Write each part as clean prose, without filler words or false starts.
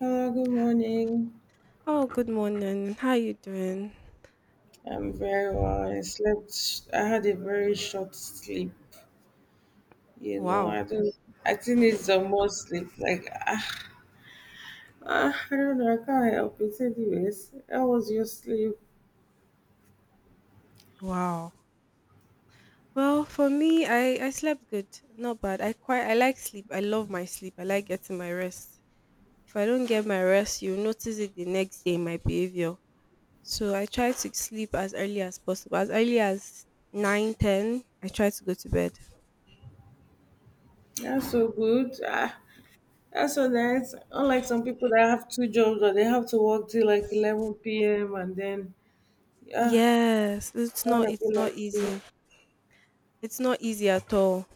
Hello. Good morning. Oh, good morning. How you doing? I'm very well. I slept. I had a very short sleep. You know, Wow. I don't. I think it's the more sleep. Like I don't know. I can't help it. Anyways, how was your sleep? Wow. Well, for me, I slept good. Not bad. I like sleep. I love my sleep. I like getting my rest. If I don't get my rest, you'll notice it the next day in my behavior. So I try to sleep as early as possible. As early as 9, 10. I try to go to bed. That's so good. That's so nice. Unlike some people that have two jobs or they have to work till like 11 p.m. and then ah, Yes, I wanna be it's not like you. easy. It's not easy at all.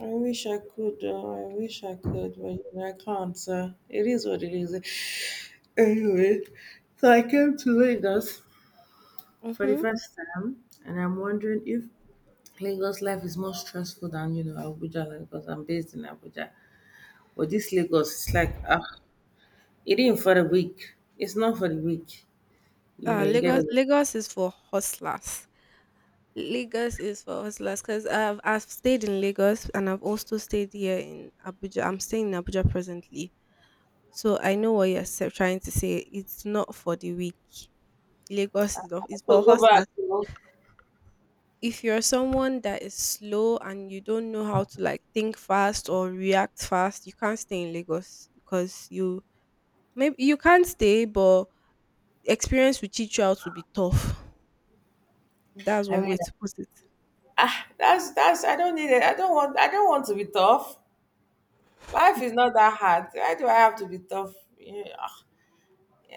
I wish I could. I wish I could, but you know, I can't. It is what it is. Anyway, so I came to Lagos for the Mm-hmm. first time, and I'm wondering if Lagos life is more stressful than, you know, Abuja, like, because I'm based in Abuja. But this Lagos, it's like, it ain't for the weak. It's not for the weak. You know, you get it. Lagos is for hustlers. Lagos is for hustlers, because I've stayed in Lagos and I've also stayed here in Abuja. I'm staying in Abuja presently, so I know what trying to say. It's not for the weak. Lagos is not, it's for So go back. hustlers. You know? If you're someone that is slow and you don't know how to like think fast or react fast, you can't stay in Lagos because you maybe you can't stay, but experience will teach you how to be tough. That's I one mean, way to put it. That's. I don't need it. I don't want. I don't want to be tough. Life is not that hard. Why do I have to be tough? Yeah. Ah.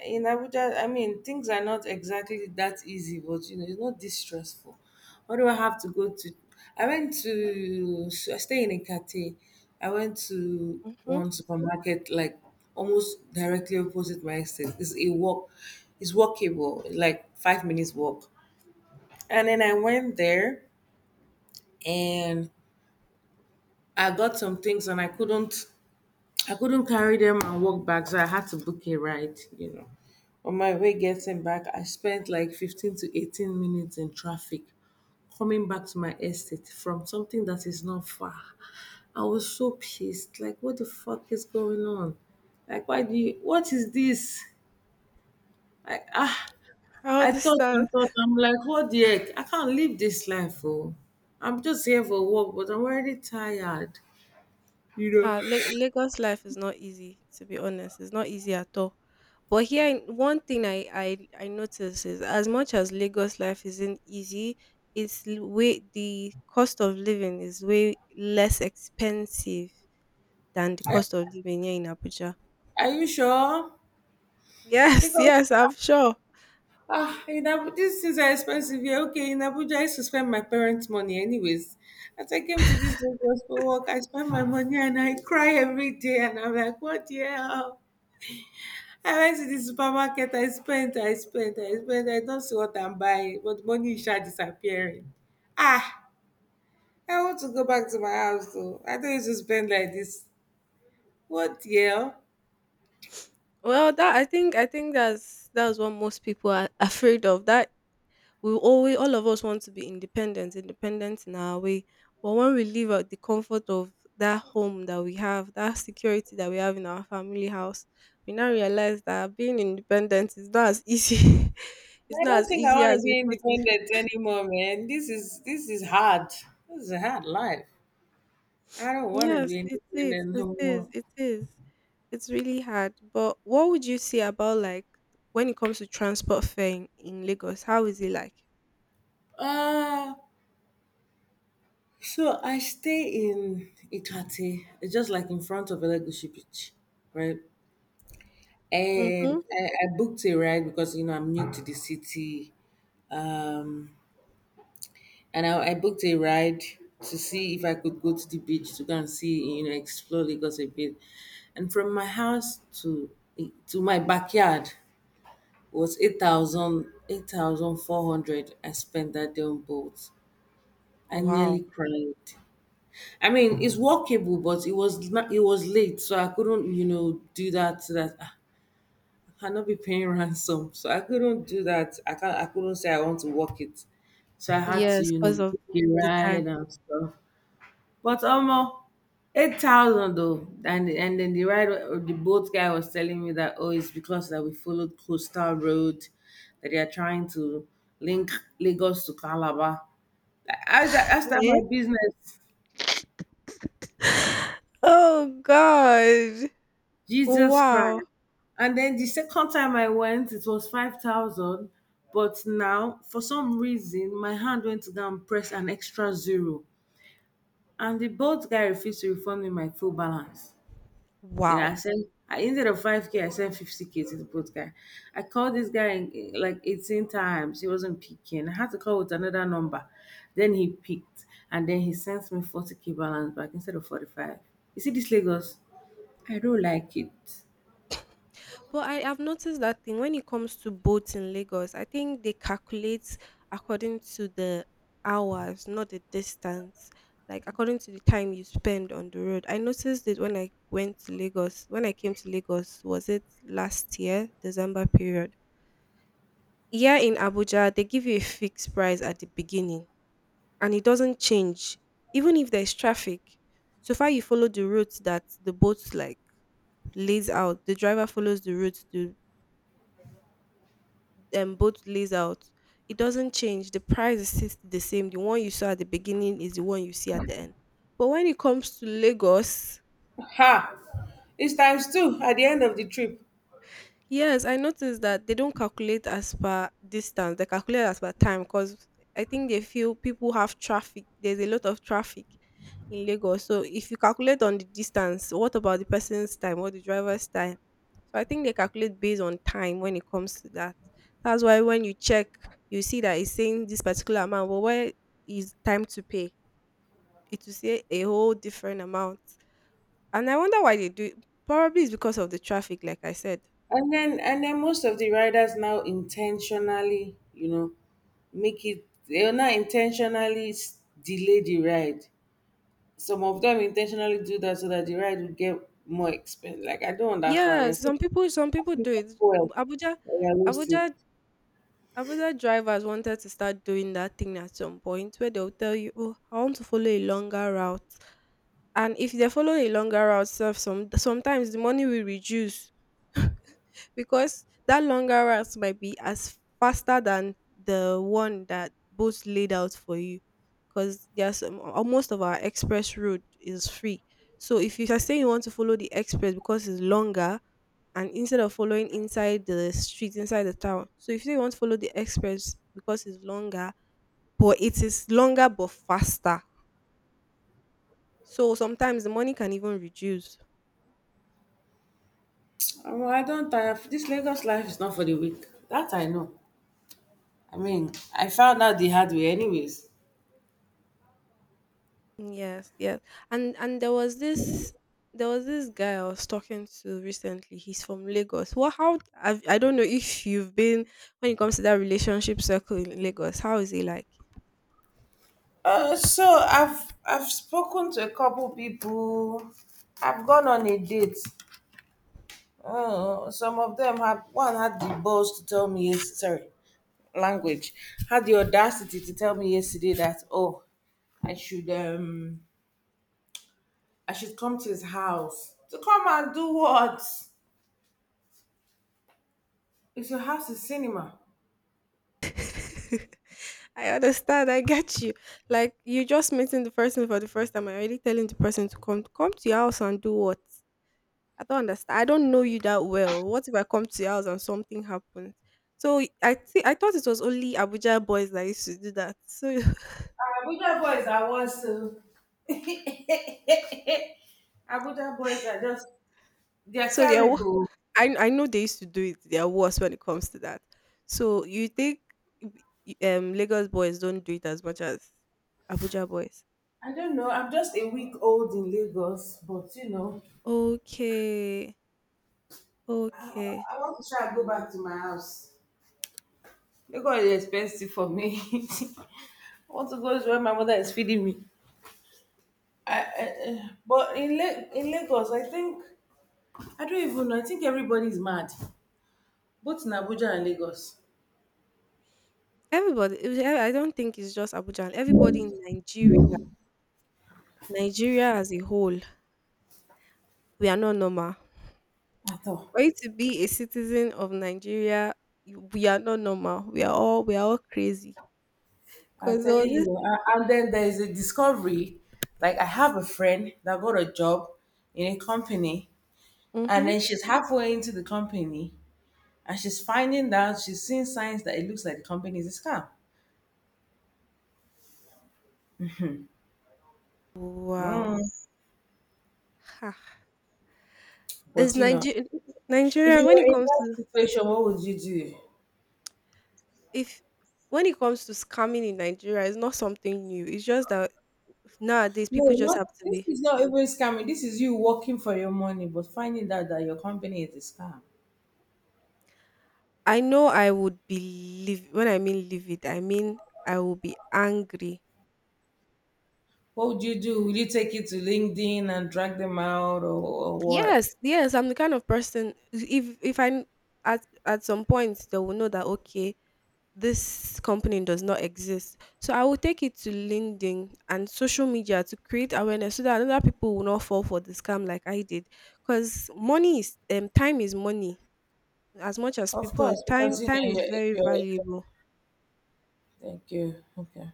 In Abuja, I mean, things are not exactly that easy, but you know, it's not this stressful. What do I have to go to? I went to. So I stay in a. I went to Mhm. one supermarket like almost directly opposite my estate. It's a walk, it's walkable, like 5 minutes walk. And then I went there and I got some things and I couldn't carry them and walk back, so I had to book a ride, you know. On my way getting back, I spent like 15 to 18 minutes in traffic coming back to my estate from something that is not far. I was so pissed. Like, what the fuck is going on? Like, why do you, what is this? Like, ah, I I thought understand. and thought, I'm like, what the heck? I can't live this life, oh. I'm just here for work, but I'm already tired. You know, Ah, Lagos life is not easy, to be honest. It's not easy at all. But here, one thing I notice is as much as Lagos life isn't easy, it's l- way the cost of living is way less expensive than the I, cost of living here in Abuja. are you sure? Yes, Because yes, I'm sure. In Abu- these things are expensive here. Okay, in Abuja, I used to spend my parents' money anyways. As I came to this Lagos for work, I spent my money and I cry every day. And I'm like, what the hell? I went to the supermarket, I spent. I don't see what I'm buying, but money is just disappearing. Ah, I want to go back to my house though. I don't used to spend like this. What the hell? Well, that I think that's what most people are afraid of. That we always all of us want to be independent in our way, but when we leave out the comfort of that home that we have, that security that we have in our family house, we now realize that being independent is not as easy, it's I not don't as think I easy want to as we be put it. independent anymore, man. This is hard. This is a hard life. I don't want to Yes, be in independent no more. It is, it's really hard. But what would you say about like when it comes to transport fare in Lagos? How is it like? Uh, so I stay in Itate, it's just like in front of Elegushi Beach, right? Mm-hmm. And I booked a ride because, you know, I'm new to the city. Um, and I booked a ride to see if I could go to the beach to go and see, you know, explore Lagos a bit. And from my house to my backyard was 8,000 8,400. I spent that day on boats. I Wow. nearly cried. I mean, it's workable, but it was it was late, so I couldn't, you know, do that. So I cannot be paying ransom, so I couldn't do that. I can't. I couldn't say I want to work it, so I had to, Yes, you know, because of book a the time. ride and stuff. But almost 8,000 though, and then the ride, the boat guy was telling me that oh, it's because that we followed coastal road, that they are trying to link Lagos to Calabar. That's not my business. Oh God. Jesus Wow. Christ. And then the second time I went, it was 5,000. But now, for some reason, my hand went to go and press an extra zero. And the boat guy refused to refund me my full balance. You know, Wow. Instead of 5K, I sent 50K to the boat guy. I called this guy in, like 18 times. He wasn't picking. I had to call with another number. Then he picked. And then he sent me 40K balance back instead of 45. You see this Lagos? I don't like it. But I have noticed that thing: when it comes to boats in Lagos, I think they calculate according to the hours, not the distance. Like according to the time you spend on the road. I noticed it when I went to Lagos. When I came to Lagos, was it last year, December period? Here in Abuja, they give you a fixed price at the beginning and it doesn't change. Even if there's traffic, so far you follow the route that the boats like lays out. The driver follows the route the boat lays out. It doesn't change. The price is still the same. The one you saw at the beginning is the one you see at the end. But when it comes to Lagos, Ha! It's times two at the end of the trip. yes, I noticed that they don't calculate as per distance, they calculate as per time because I think they feel people have traffic. There's a lot of traffic in Lagos. So if you calculate on the distance, what about the person's time or the driver's time? So I think they calculate based on time when it comes to that. That's why when you check, you see that it's saying this particular amount, but where is time to pay? It will say a whole different amount. And I wonder why they do it. Probably it's because of the traffic, like I said. And then most of the riders now intentionally, you know, make it they'll now intentionally delay the ride. Some of them intentionally do that so that the ride will get more expensive. Like I don't understand. Yeah, You're so some people asking do it. well Abuja that you're wasting. Abuja Abuja drivers wanted to start doing that thing at some point where they'll tell you, "Oh, I want to follow a longer route." And if they follow a longer route, self sometimes the money will reduce. Because that longer route might be as faster than the one that both laid out for you, because there's most of our express route is free. So if you are saying you want to follow the express because it's longer, and instead of following inside the street inside the town, so if you say you want to follow the express because it's longer, but it is longer but faster, so sometimes the money can even reduce. I don't tire. This Lagos life is not for the weak. That I know. I mean, I found out the hard way anyways. Yes, yes. And there was this guy I was talking to recently. He's from Lagos. What how I've, I don't know if you've been when it comes to that relationship circle in Lagos. How is it like? So I've spoken to a couple people. I've gone on a date. Some of them have one had the balls to tell me yes, sorry, language had the audacity to tell me yesterday that oh, I should um I should come to his house to come and do what? If your house is cinema, I understand. I get you. Like you just meeting the person for the first time. I already telling the person to come to your house and do what? I don't understand. I don't know you that well. What if I come to your house and something happens? So I thought it was only Abuja boys that used to do that. So Abuja boys are worse. Oh. Abuja boys are just they're so they are, terrible. I know they used to do it. They are worse when it comes to that. So you think b- Lagos boys don't do it as much as Abuja boys? I don't know. I'm just a week old in Lagos, but you know, Okay, I, okay. I want to try and go back to my house. Lagos is expensive for me. I want to go to where my mother is feeding me. But in Lagos, I think, I don't even know. I think everybody's mad, both in Abuja and Lagos. Everybody, I don't think it's just Abuja. Everybody in Nigeria, Nigeria as a whole, we are not normal. At all. For you to be a citizen of Nigeria, we are not normal. We are all crazy. I'm Cause there telling was this. you. And then there is a discovery. Like, I have a friend that got a job in a company, and Mm-hmm. then she's halfway into the company and she's finding that she's seeing signs that it looks like the company is a scam. Wow. Mm. Ha. It's But you know, Nigeria. if Nigeria you when were it in comes that to situation, what would you do? if When it comes to scamming in Nigeria, it's not something new. It's just that nowadays No, people just not have to this be. is not even scamming. This is you working for your money, but finding out that your company is a scam. I know I would be when I mean live it, I mean I will be angry. What would you do? Will you take it to LinkedIn and drag them out, or what? Yes, yes, I'm the kind of person, if I, at some point they will know that okay, this company does not exist. So I will take it to LinkedIn and social media to create awareness so that other people will not fall for the scam like I did. Because money is time is money, as much as Of people course, time because you time know is you're, if very you're. valuable. Thank you. Okay,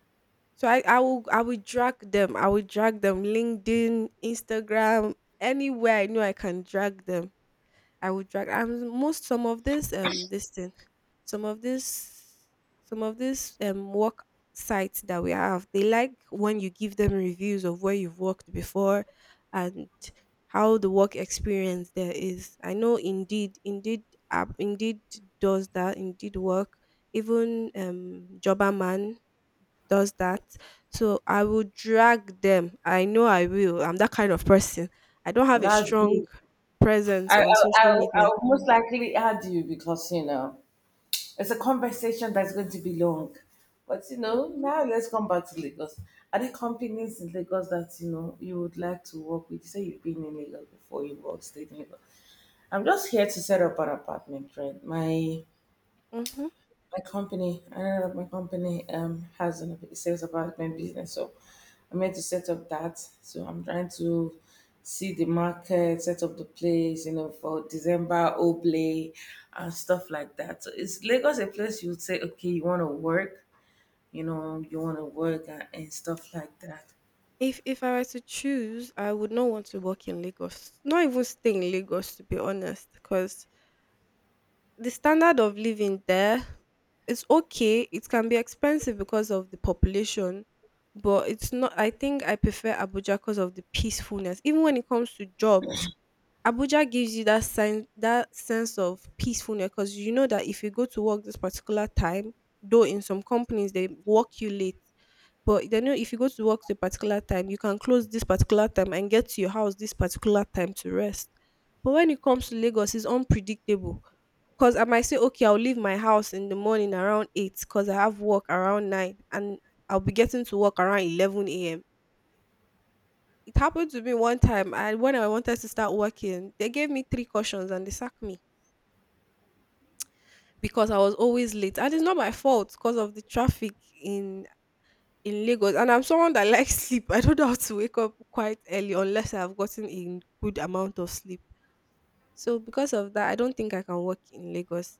So I will drag them, I will drag them, LinkedIn, Instagram, anywhere I know I can drag them. I would drag. And most, some of this this thing some of this some of this work sites that we have, they like when you give them reviews of where you've worked before and how the work experience there is. I know indeed app, indeed does that, indeed work. Even Jobberman does that. So I will drag them, I know I will. I'm that kind of person. I don't have a that's strong good. presence on social media. I'll most likely add you because you know it's a conversation that's going to be long. But you know, Mhm. now let's come back to Lagos. Are there companies in Lagos that you know you would like to work with? You say you've been in Lagos before, you worked stayed in Lagos. I'm just here to set up an apartment, right? My Mhm. my company, another of my company has a sales apartment business, so I'm here to set up that. So I'm trying to see the market, set up the place, you know, for December Oblay and stuff like that. So is Lagos a place you would say, okay, you want to work, you know, you want to work and stuff like that. If I were to choose, I would not want to work in Lagos. Not even stay in Lagos, to be honest, because the standard of living there is okay. It can be expensive because of the population, but it's not. I think I prefer Abuja because of the peacefulness. Even when it comes to jobs, Abuja gives you that sense of peacefulness, because you know that if you go to work this particular time, though in some companies they work you late, but they know if you go to work to a particular time, you can close this particular time and get to your house this particular time to rest. But when it comes to Lagos, it's unpredictable. 'Cause I might say, "Okay, I'll leave my house in the morning around eight, cause I have work around 9 and I'll be getting to work around 11 AM." It happened to me one time, and when I wanted to start working, they gave me 3 cautions and they sacked me because I was always late, and it's not my fault, cause of the traffic in in Lagos. And I'm someone that likes sleep. I don't know how to wake up quite early unless I have gotten a good amount of sleep. So because of that, I don't think I can work in Lagos.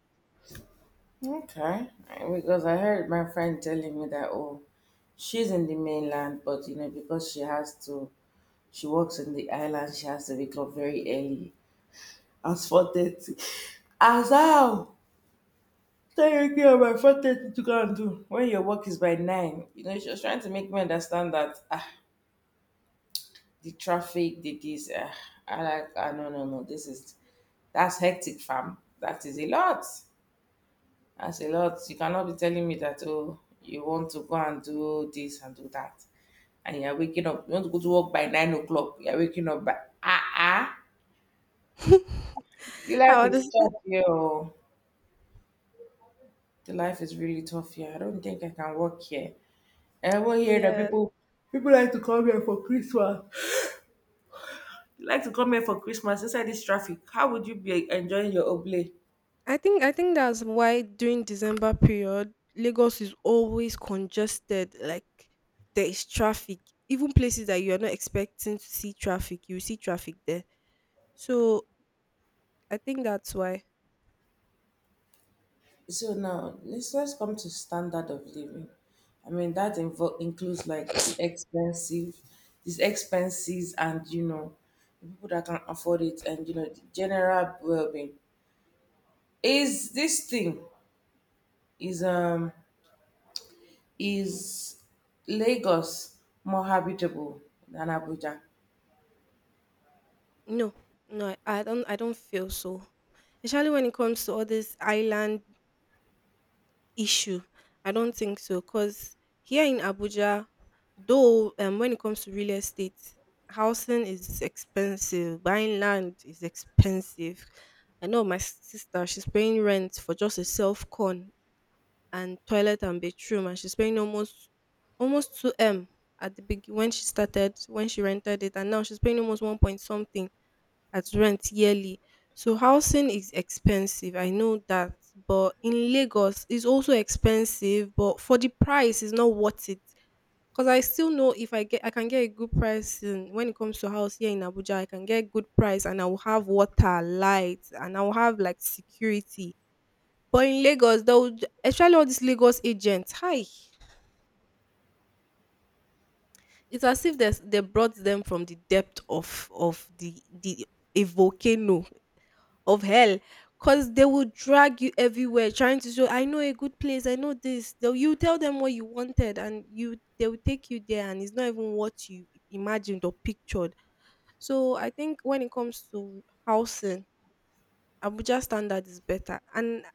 Okay, because I heard my friend telling me that oh, she's in the mainland, but you know because she has to, she works in the island, she has to wake up very early, as 4:30. As how? Technically, I'm by 4:30 to go and do when your work is by nine. You know she was trying to make me understand that the traffic, I like ah no no no, this is that's hectic, fam. That is a lot. That's a lot. You cannot be telling me that, oh, you want to go and do this and do that. And you're waking up. You want to go to work by 9 o'clock. You're waking up by ah ah. The life I is understand. tough here. Oh. The life is really tough here. I don't think I can work here. I will hear that Yeah. people people like to come here for Christmas. They like to come here for Christmas inside this traffic. How would you be enjoying your oblate? I think that's why during December period, Lagos is always congested. Like there is traffic, even places that you are not expecting to see traffic, you see traffic there. So I think that's why. So now let's come to standard of living. I mean that includes like the expensive, these expenses, and you know, the people that can afford it, and you know, the general well-being. Is this thing is um is Lagos more habitable than Abuja? No, no, I don't feel so. Especially when it comes to all these island issue. I don't think so, because here in Abuja, though, when it comes to real estate, housing is expensive, buying land is expensive. I know my sister, she's paying rent for just a self con and toilet and bedroom, and she's paying almost 2M at the big when she started when she rented it, and now she's paying almost 1 something at rent yearly. So housing is expensive, I know that, but in Lagos it's also expensive, but for the price it's not worth it. Cause I still know if I get I can get a good price in, when it comes to house here in Abuja, I can get good price and I will have water, light, and I will have like security. But in Lagos, especially all these Lagos agents, hi, it's as if they brought them from the depth of the a volcano of hell, because they will drag you everywhere trying to show. I know a good place, I know this. You tell them what you wanted, and you they will take you there and it's not even what you imagined or pictured. So I think when it comes to housing, Abuja standard is better, and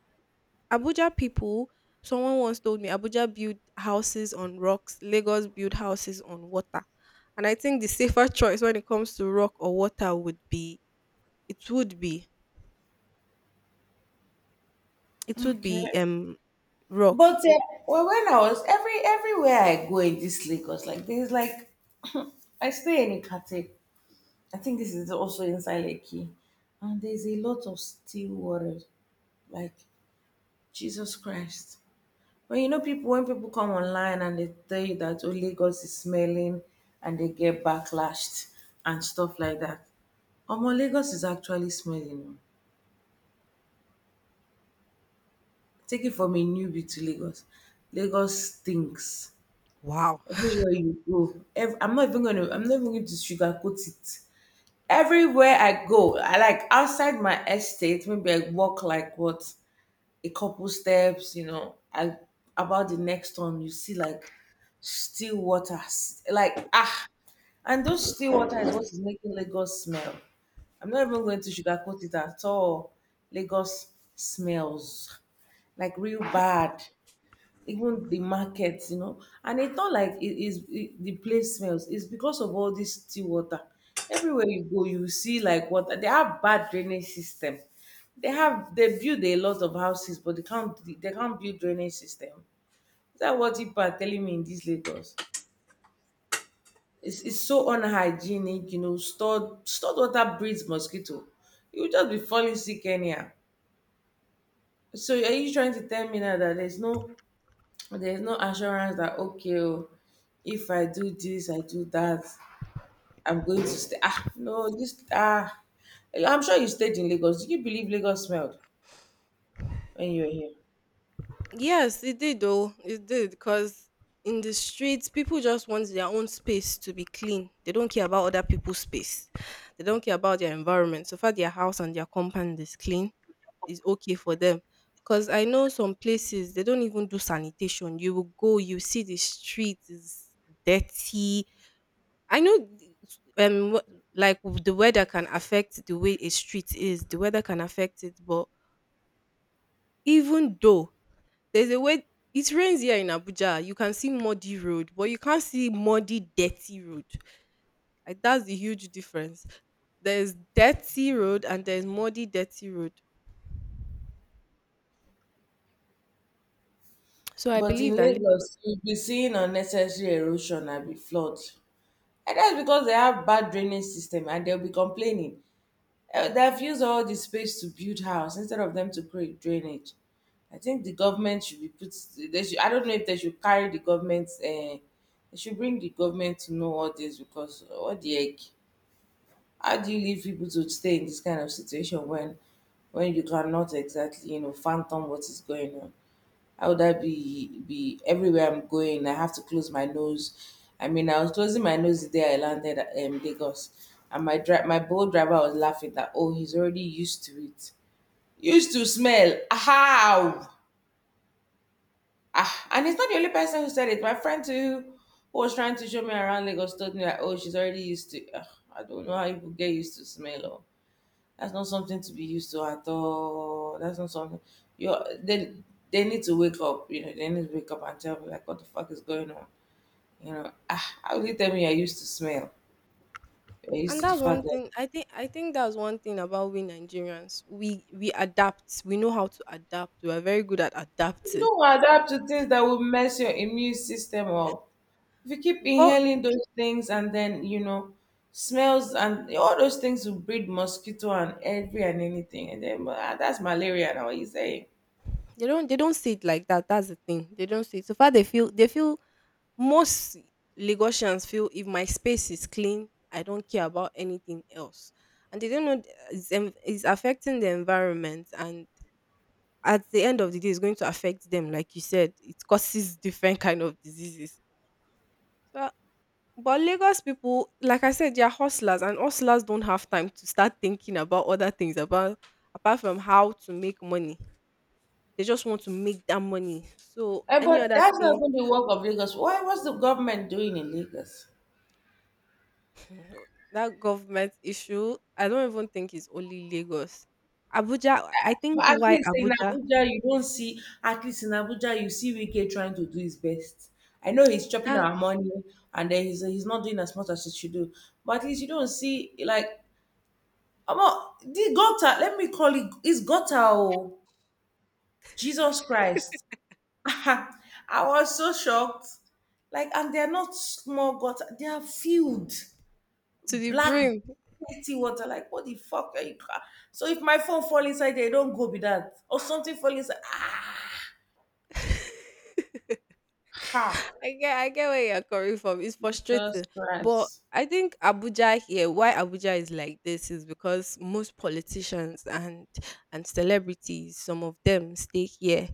Abuja people, someone once told me Abuja build houses on rocks, Lagos build houses on water. And I think the safer choice when it comes to rock or water would be it would be It would be Okay. But rock. Well, when I was every everywhere I go in this Lagos, like there's like I stay in Ikate. I think this is also inside Lekki. And there's a lot of still water, like Jesus Christ. When you know people, when people come online and they tell you that oh Lagos is smelling, and they get backlashed and stuff like that. Omo Lagos is actually smelling. Oh. Take it from a newbie to Lagos. Lagos stinks Wow. everywhere you go. I'm not even gonna. I'm not even going to sugarcoat it. Everywhere I go, I like outside my estate. Maybe I walk like what a couple steps, you know, and about the next one, you see like still water, and those still water is what is making Lagos smell. I'm not even going to sugarcoat it at all. Lagos smells like real bad even the market. And it's not like it is it, the place smells. It's because of all this tea water. Everywhere you go, you see like water. They have bad drainage system. They build a lot of houses, but they can't build drainage system. Is that what people are telling me in this Lagos? It's so unhygienic, you know. Stored water breeds mosquito. You will just be falling sick anyhow. So are you trying to tell me now that There's no assurance that okay, oh, if I do this, I do that, I'm going to stay. Ah, no, this ah, I'm sure you stayed in Lagos. Do you believe Lagos smelled when you were here? Yes, it did though. It did, because in the streets, people just want their own space to be clean. They don't care about other people's space. They don't care about their environment. So far their house and their compound is clean, is okay for them. Because I know some places they don't even do sanitation. You will go, you see the street is dirty. I know, like, the weather can affect the way a street is. The weather can affect it, but even though there's a way it rains here in Abuja, you can see muddy road, but you can't see muddy, dirty road. Like, that's the huge difference. There's dirty road and there's muddy, dirty road. So I But believe in that, Lagos, you'll be seeing unnecessary erosion and be flood. And that's because they have bad drainage system and they'll be complaining. Eh, they have used all the space to build house instead of them to create drainage. I think the government should be put. They should, I don't know if they should carry the government. They should bring the government to know all this because what the heck? How do you leave people to stay in this kind of situation when you cannot exactly you know phantom what is going on? How would that be everywhere I'm going? I have to close my nose. I mean, I was closing my nose the day I landed at Lagos, and my my boat driver was laughing that oh, he's already used to it, used to smell. How? Ah, and it's not the only person who said it. My friend too, who was trying to show me around Lagos, told me that oh, she's already used to. Ugh, I don't know how people get used to smell. Oh. That's not something to be used to at all. That's not something you they they need to wake up, you know, they need to wake up and tell me like what the fuck is going on. You know, ah, how do you tell me you're used to smell? You're used and to the that's fact one that thing. I think that's one thing about we Nigerians. We adapt. We know how to adapt. We are very good at you adapting. don't adapt to things that will mess your immune system up. If you keep But inhaling those things and then, you know, smells and all those things will breed mosquito and every and anything. And then ah, that's malaria now, what you saying? they don't say it like that. That's the thing. They don't say it. So far, they feel Most Lagosians feel if my space is clean, I don't care about anything else. And they don't know, it's, it's affecting the environment, and at the end of the day it's going to affect them, like you said, it causes different kind of diseases. So, but Lagos people, like I said, they're hustlers, and hustlers don't have time to start thinking about other things, about, apart from how to make money. They just want to make that money. So Eh, any but other that's not thing. even the work of Lagos. Why was the government doing in Lagos? No, that government issue, I don't even think it's only Lagos. Abuja, I think But at why least in Abuja... Abuja, you don't see, at least in Abuja, you see Wike trying to do his best. I know he's chopping Ah, our money and then he's not doing as much as he should do. But at least you don't see, like, about the gutter, let me call it, it's gutter, oh, Jesus Christ. I was so shocked. Like, and they're not small gutter, they are filled, to the black, brim. dirty water. Like, what the fuck are you? So if my phone fall inside there, it don't go be that. Or something fall inside, ah, ha! I get where you're coming from. It's frustrating, Jesus but Christ. I think Abuja here, why Abuja is like this, is because most politicians and celebrities, some of them stay here,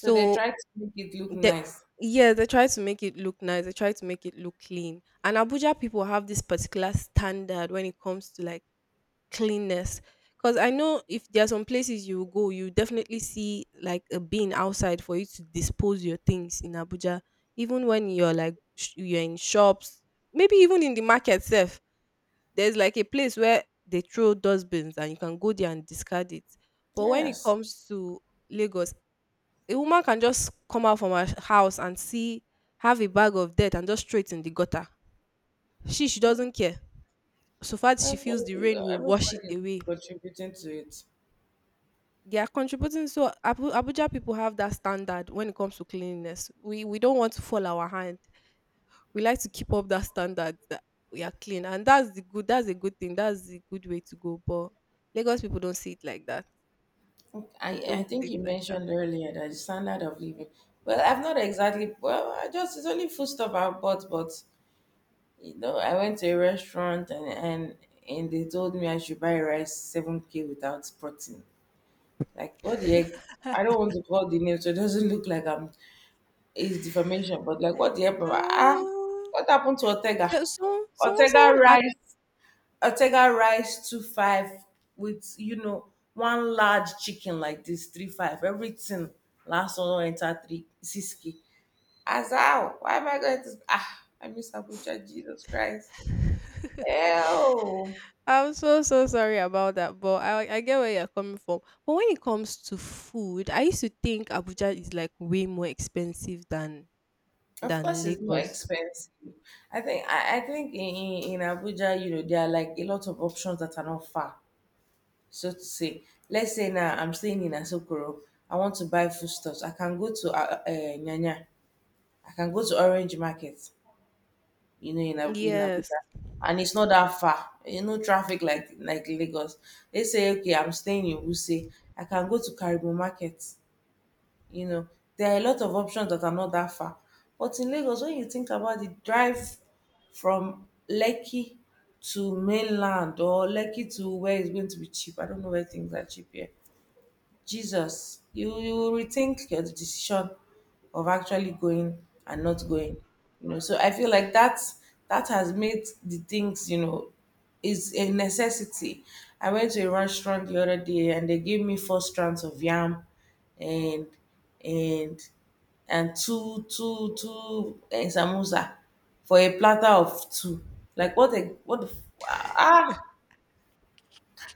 So they try to make it look the nice. yeah, they try to make it look nice. They try to make it look clean. And Abuja people have this particular standard when it comes to, like, cleanness. Because I know, if there are some places you go, you definitely see like a bin outside for you to dispose your things in Abuja. Even when you're like, you're in shops, maybe even in the market itself, there's like a place where they throw dustbins and you can go there and discard it. But when it Yes. comes to Lagos, a woman can just come out from her house and see, have a bag of dirt and just throw it in the gutter. She doesn't care, so far as she That's why feels the rain will everybody wash it is away. contributing to it. They are contributing. So Abuja people have that standard when it comes to cleanliness. We don't want to fall our hand. We like to keep up that standard that we are clean, and that's the good. That's a good thing. That's the good way to go. But Lagos people don't see it like that. I, They I don't see think it you like that. mentioned earlier that the standard of living. Well, I've not exactly. Well, I just it's only food stuff I bought, but you know, I went to a restaurant and they told me I should buy rice 7K without protein. Like what the heck? I don't want to call the name, so it doesn't look like I'm it's defamation, but like what the hell, Baba? Ah, Ah, what happened to Ortega? So Ortega rice, Ortega rice two five with you know one large chicken like this three five. Everything last one do enter three six k. As how? Why am I going to? Ah, I miss Abuja. Jesus Christ. Hell, I'm so sorry about that, but I get where you're coming from. But when it comes to food, I used to think Abuja is like way more expensive than of than course it's more Lagos. expensive. I think in Abuja, you know, there are like a lot of options that are not far. So to say. Let's say now I'm staying in Asokoro. I want to buy foodstuffs. I can go to Nyanya. I can go to Orange Market, you know, in Yes. Abuja. And it's not that far. You know, traffic like Lagos. They say, okay, I'm staying in Wuse. I can go to Karibo Market. You know, there are a lot of options that are not that far. But in Lagos, when you think about the drive from Lekki to mainland or Lekki to where it's going to be cheap, I don't know where things are cheap here. Jesus, you will rethink your decision of actually going and not going. You know, so I feel like that that has made the things, you know, is a necessity. I went to a restaurant the other day and they gave me four strands of yam and and and two samosa for a platter of two. Like what a what the f- ah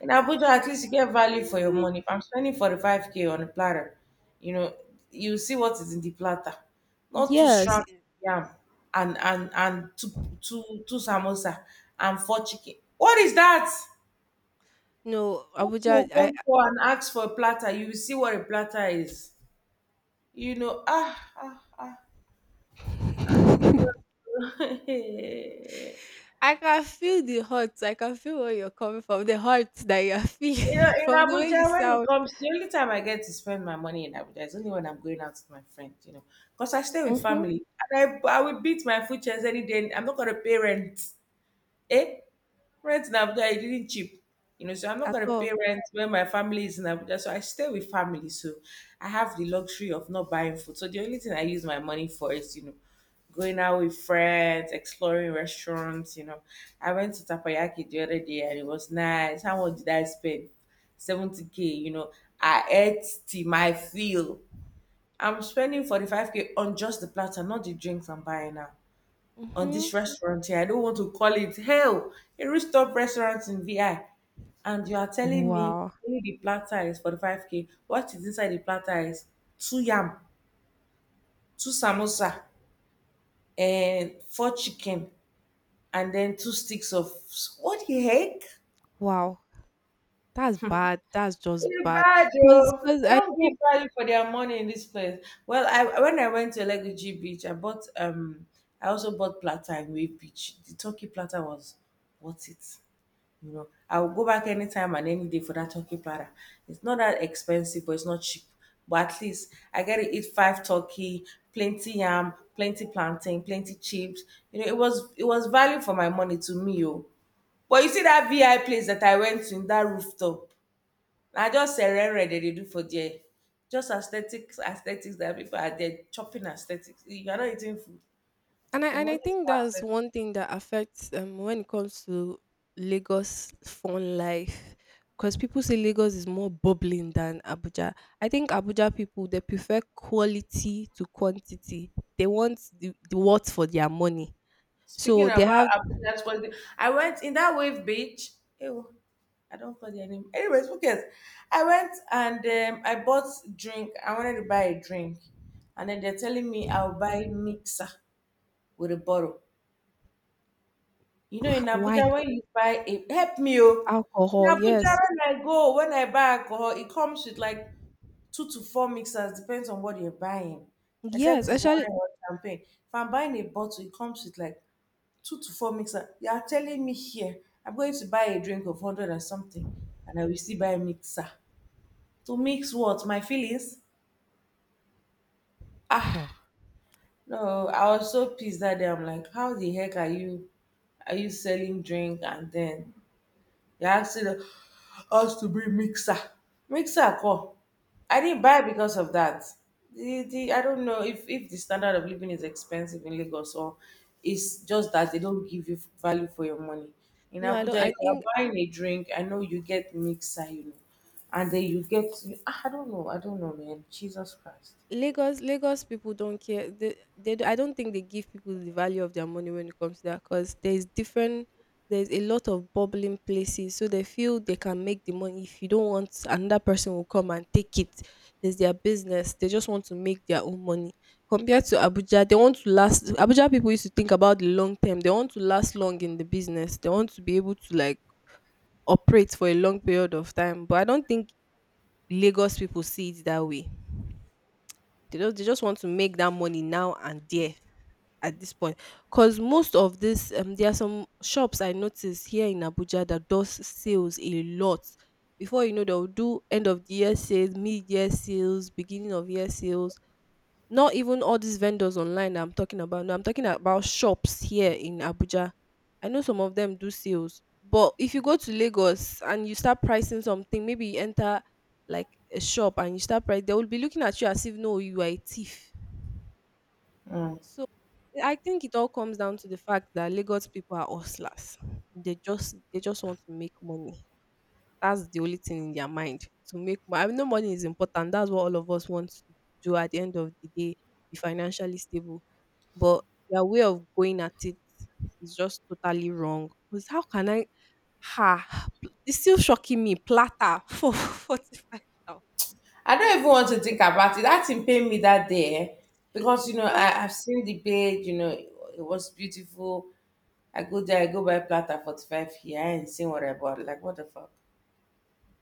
in Abuja, at least you get value for your Mm, money. If I'm spending 45K on a platter, you know, you see what is in the platter. Not two yes. strands of yam and two samosa and four chicken. What is that? No, Go to Abuja, I. Okonkwo and ask for a platter. You will see what a platter is. You know, ah ah. I can feel the hurt. I can feel where you're coming from. The hurt that you're You know, feeling in from the way you Abuja, when it sound. comes, the only time I get to spend my money in Abuja is only when I'm going out with my friend, you know, because I stay with Mm-hmm. family. And I will beat my food chairs any day. I'm not going to pay rent. Eh? Rent in Abuja, it didn't cheap. You know, so I'm not At going to pay all. rent when my family is in Abuja. So I stay with family. So I have the luxury of not buying food. So the only thing I use my money for is, you know, going out with friends, exploring restaurants. You know, I went to Tapayaki the other day and it was nice. How much did I spend? 70K. You know, I ate till my fill. I'm spending 45K on just the platter, not the drinks I'm buying now on Mm-hmm. this restaurant here. I don't want to call it hell, a rich top restaurant in VI. And you are telling me Wow. only the platter is 45K. What is inside the platter is two yam, two samosa, and four chicken, and then two sticks of what the heck? Wow. That's bad. That's just It's bad. bad, Cause, yo. cause They I don't know. give value for their money in this place. Well, I when I went to Eleguji Beach, I bought I also bought platter in Wave Beach. The turkey platter was worth it. You know, I will go back anytime and any day for that turkey platter. It's not that expensive, but it's not cheap. But at least I get to eat five turkey, plenty yam, plenty plantain, plenty chips. You know, it was value for my money to me, oh. But you see that VI place that I went to in that rooftop, I just serere that they do for there. Just aesthetics, aesthetics that people are there chopping aesthetics. You're not eating food. and I Your and I money is think for that's aesthetics. one thing that affects, when it comes to Lagos fun life. Because people say Lagos is more bubbling than Abuja. I think Abuja people, they prefer quality to quantity. They want the, what for their money. Speaking So they about have. Abuja sports, I went in that wave beach. Ew, I don't call their name. Anyways, who cares? I went and I bought drink. I wanted to buy a drink, and then they're telling me I'll buy mixer with a bottle. You know, in Abuja Why when you buy a help me oh. In Alcohol. Abuja Yes, when I go when I buy alcohol, it comes with like two to four mixers depends on what you're buying, yes. except it's Actually. wine or champagne. If I'm buying a bottle, it comes with like two to four mixer. You are telling me here, I'm going to buy a drink of 100 or something, and I will still buy a mixer. To mix what? My feelings? Hmm. Ah, no, I was so pissed that day. I'm like, how the heck are you? Are you selling drink and then they asked us to bring mixer. Mixer come. I didn't buy because of that. The I don't know if the standard of living is expensive in Lagos or it's just that they don't give you value for your money. In No. I don't. Abuja, I if you're think buying a drink, I know you get mixer, you know, and then you get ah, I don't know, man. Jesus Christ. Lagos people don't care. I don't think they give people the value of their money when it comes to that, because there's different, there's a lot of bubbling places, so they feel they can make the money. If you don't want, another person will come and take it. It's their business, they just want to make their own money. Compared to Abuja, they want to last. Abuja people used to think about the long term. They want to last long in the business. They want to be able to, like, operate for a long period of time. But I don't think Lagos people see it that way. They just want to make that money now, and there, at this point. Because most of this, there are some shops I noticed here in Abuja that does sales a lot. Before you know, they'll do end of the year sales, mid-year sales, beginning of year sales. Not even all these vendors online that I'm talking about. No, I'm talking about shops here in Abuja. I know some of them do sales, but if you go to Lagos and you start pricing something, maybe you enter like a shop and you start price, they will be looking at you as if, no, you are a thief. So, I think it all comes down to the fact that Lagos people are hustlers. They just want to make money. That's the only thing in their mind, to make money. I know money is important. That's what all of us want to do at the end of the day, be financially stable. But their way of going at it is just totally wrong. Because how can I, ha it's still shocking me. Platter for 45,000. I don't even want to think about it. That thing pain me that day eh, because you know I've seen the bed, you know, it was beautiful. I go there, I go buy platter 45 here. I ain't seen what I bought. Like, what the fuck?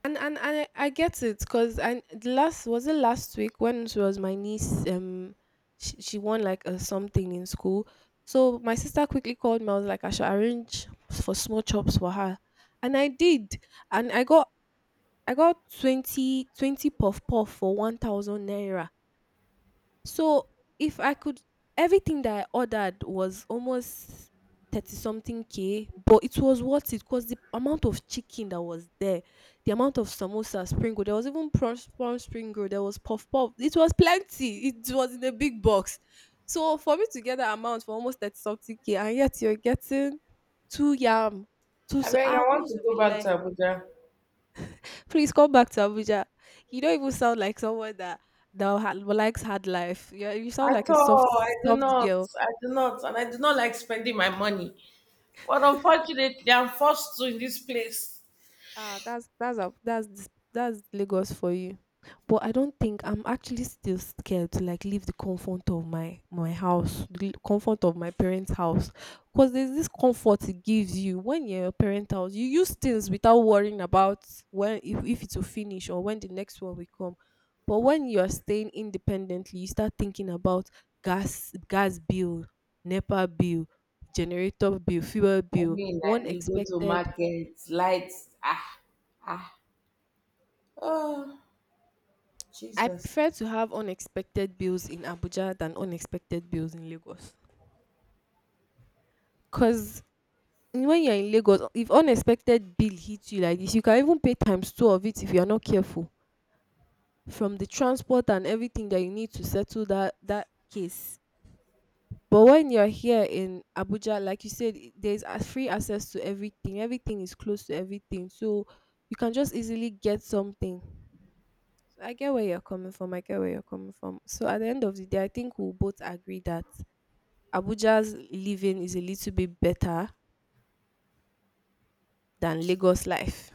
And I get it, because, and the last, was it last week, when she was my niece, she won like a something in school. So my sister quickly called me, I was like I should arrange for small chops for her. And I did. And I got 20 20 puff puff for 1,000 naira. So, if I could, everything that I ordered was almost 30 something K, but it was worth it because the amount of chicken that was there, the amount of samosa, spring roll, there was even prawn spring roll, there was puff puff. It was plenty. It was in a big box. So for me to get that amount for almost 30 something K, and yet you're getting two yam, two, I so, beg, ah, I want who's to go back rely? to Abuja. Please come back to Abuja. You don't even sound like someone that likes hard life. You sound At like a soft all, I do soft not. girl. I do not. And I do not like spending my money. But unfortunately, I'm forced to in this place. Ah, that's a, that's dis- that's Lagos for you. But I don't think, I'm actually still scared to like leave the comfort of my house, the comfort of my parents' house, because there's this comfort it gives you when you're in your parents' house. You use things without worrying about when if it will finish or when the next one will come. But when you are staying independently, you start thinking about gas bill, NEPA bill, generator bill, fuel I bill, mean, one and you go to expected. market, lights, ah, ah, oh, I Jesus. prefer to have unexpected bills in Abuja than unexpected bills in Lagos. Cause when you're in Lagos, if unexpected bill hits you like this, you can even pay times two of it if you're not careful. From the transport and everything that you need to settle that case. But when you're here in Abuja, like you said, there's a free access to everything. Everything is close to everything. So you can just easily get something. So I get where you're coming from. I get where you're coming from. So at the end of the day, I think we'll both agree that Abuja's living is a little bit better than Lagos life.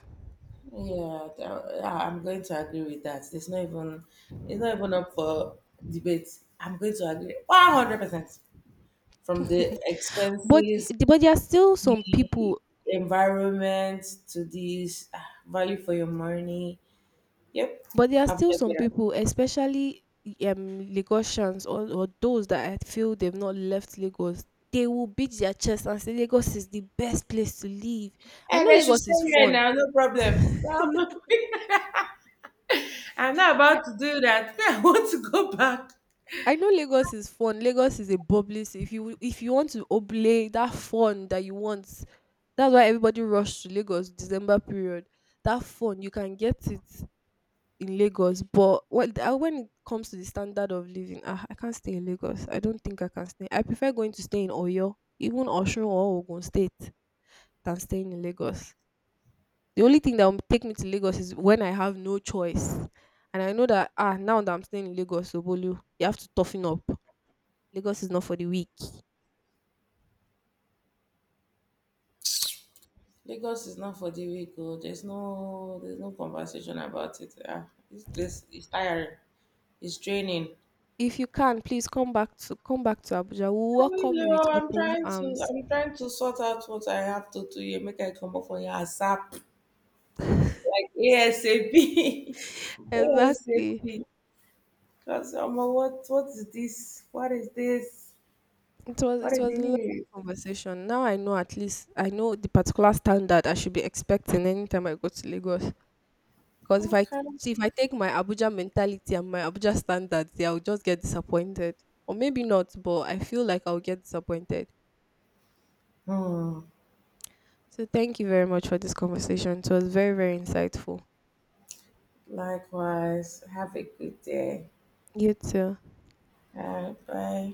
Yeah, th- yeah, I'm going to agree with that. It's not even up for debate. I'm going to agree 100% from the But expenses there are still some the people, environment to this ah, value for your money. Yep, but there are I'm still just some better. people, especially Lagosians, or those that I feel they've not left Lagos. They will beat their chest and say Lagos is the best place to live. I know And I should Lagos stay is here fun. now, no problem. I'm not, I'm not about to do that. I want to go back. I know Lagos is fun. Lagos is a bubbly ci if you want to oblay that fun that you want, that's why everybody rush to Lagos December period. That fun you can get it in Lagos, but when it comes to the standard of living, ah, I can't stay in Lagos. I don't think I can stay. I prefer going to stay in Oyo, even Osun or Ogun State, than staying in Lagos. The only thing that will take me to Lagos is when I have no choice, and I know that, ah, now that I'm staying in Lagos, Obolu, you have to toughen up. Lagos is not for the weak. Lagos is not for the weak. Oh. There's no conversation about it. Ah, this place is tiring. It's draining. If you can, please come back to Abuja. We will welcome you with Hello, I'm open trying to, arms. I'm trying to sort out what I have to do here. Make I come up for your ASAP. Like ASAP. Exactly. ASAP. Because I'm like, what is this? What is this? It was What it it was a is lovely this? conversation. Now I know, at least I know the particular standard I should be expecting anytime I go to Lagos. Because if I Okay. Take my Abuja mentality and my Abuja standards, yeah, I'll just get disappointed. Or maybe not, but I feel like I'll get disappointed. Hmm. So thank you very much for this conversation. It was very, very insightful. Likewise. Have a good day. You too. Bye bye.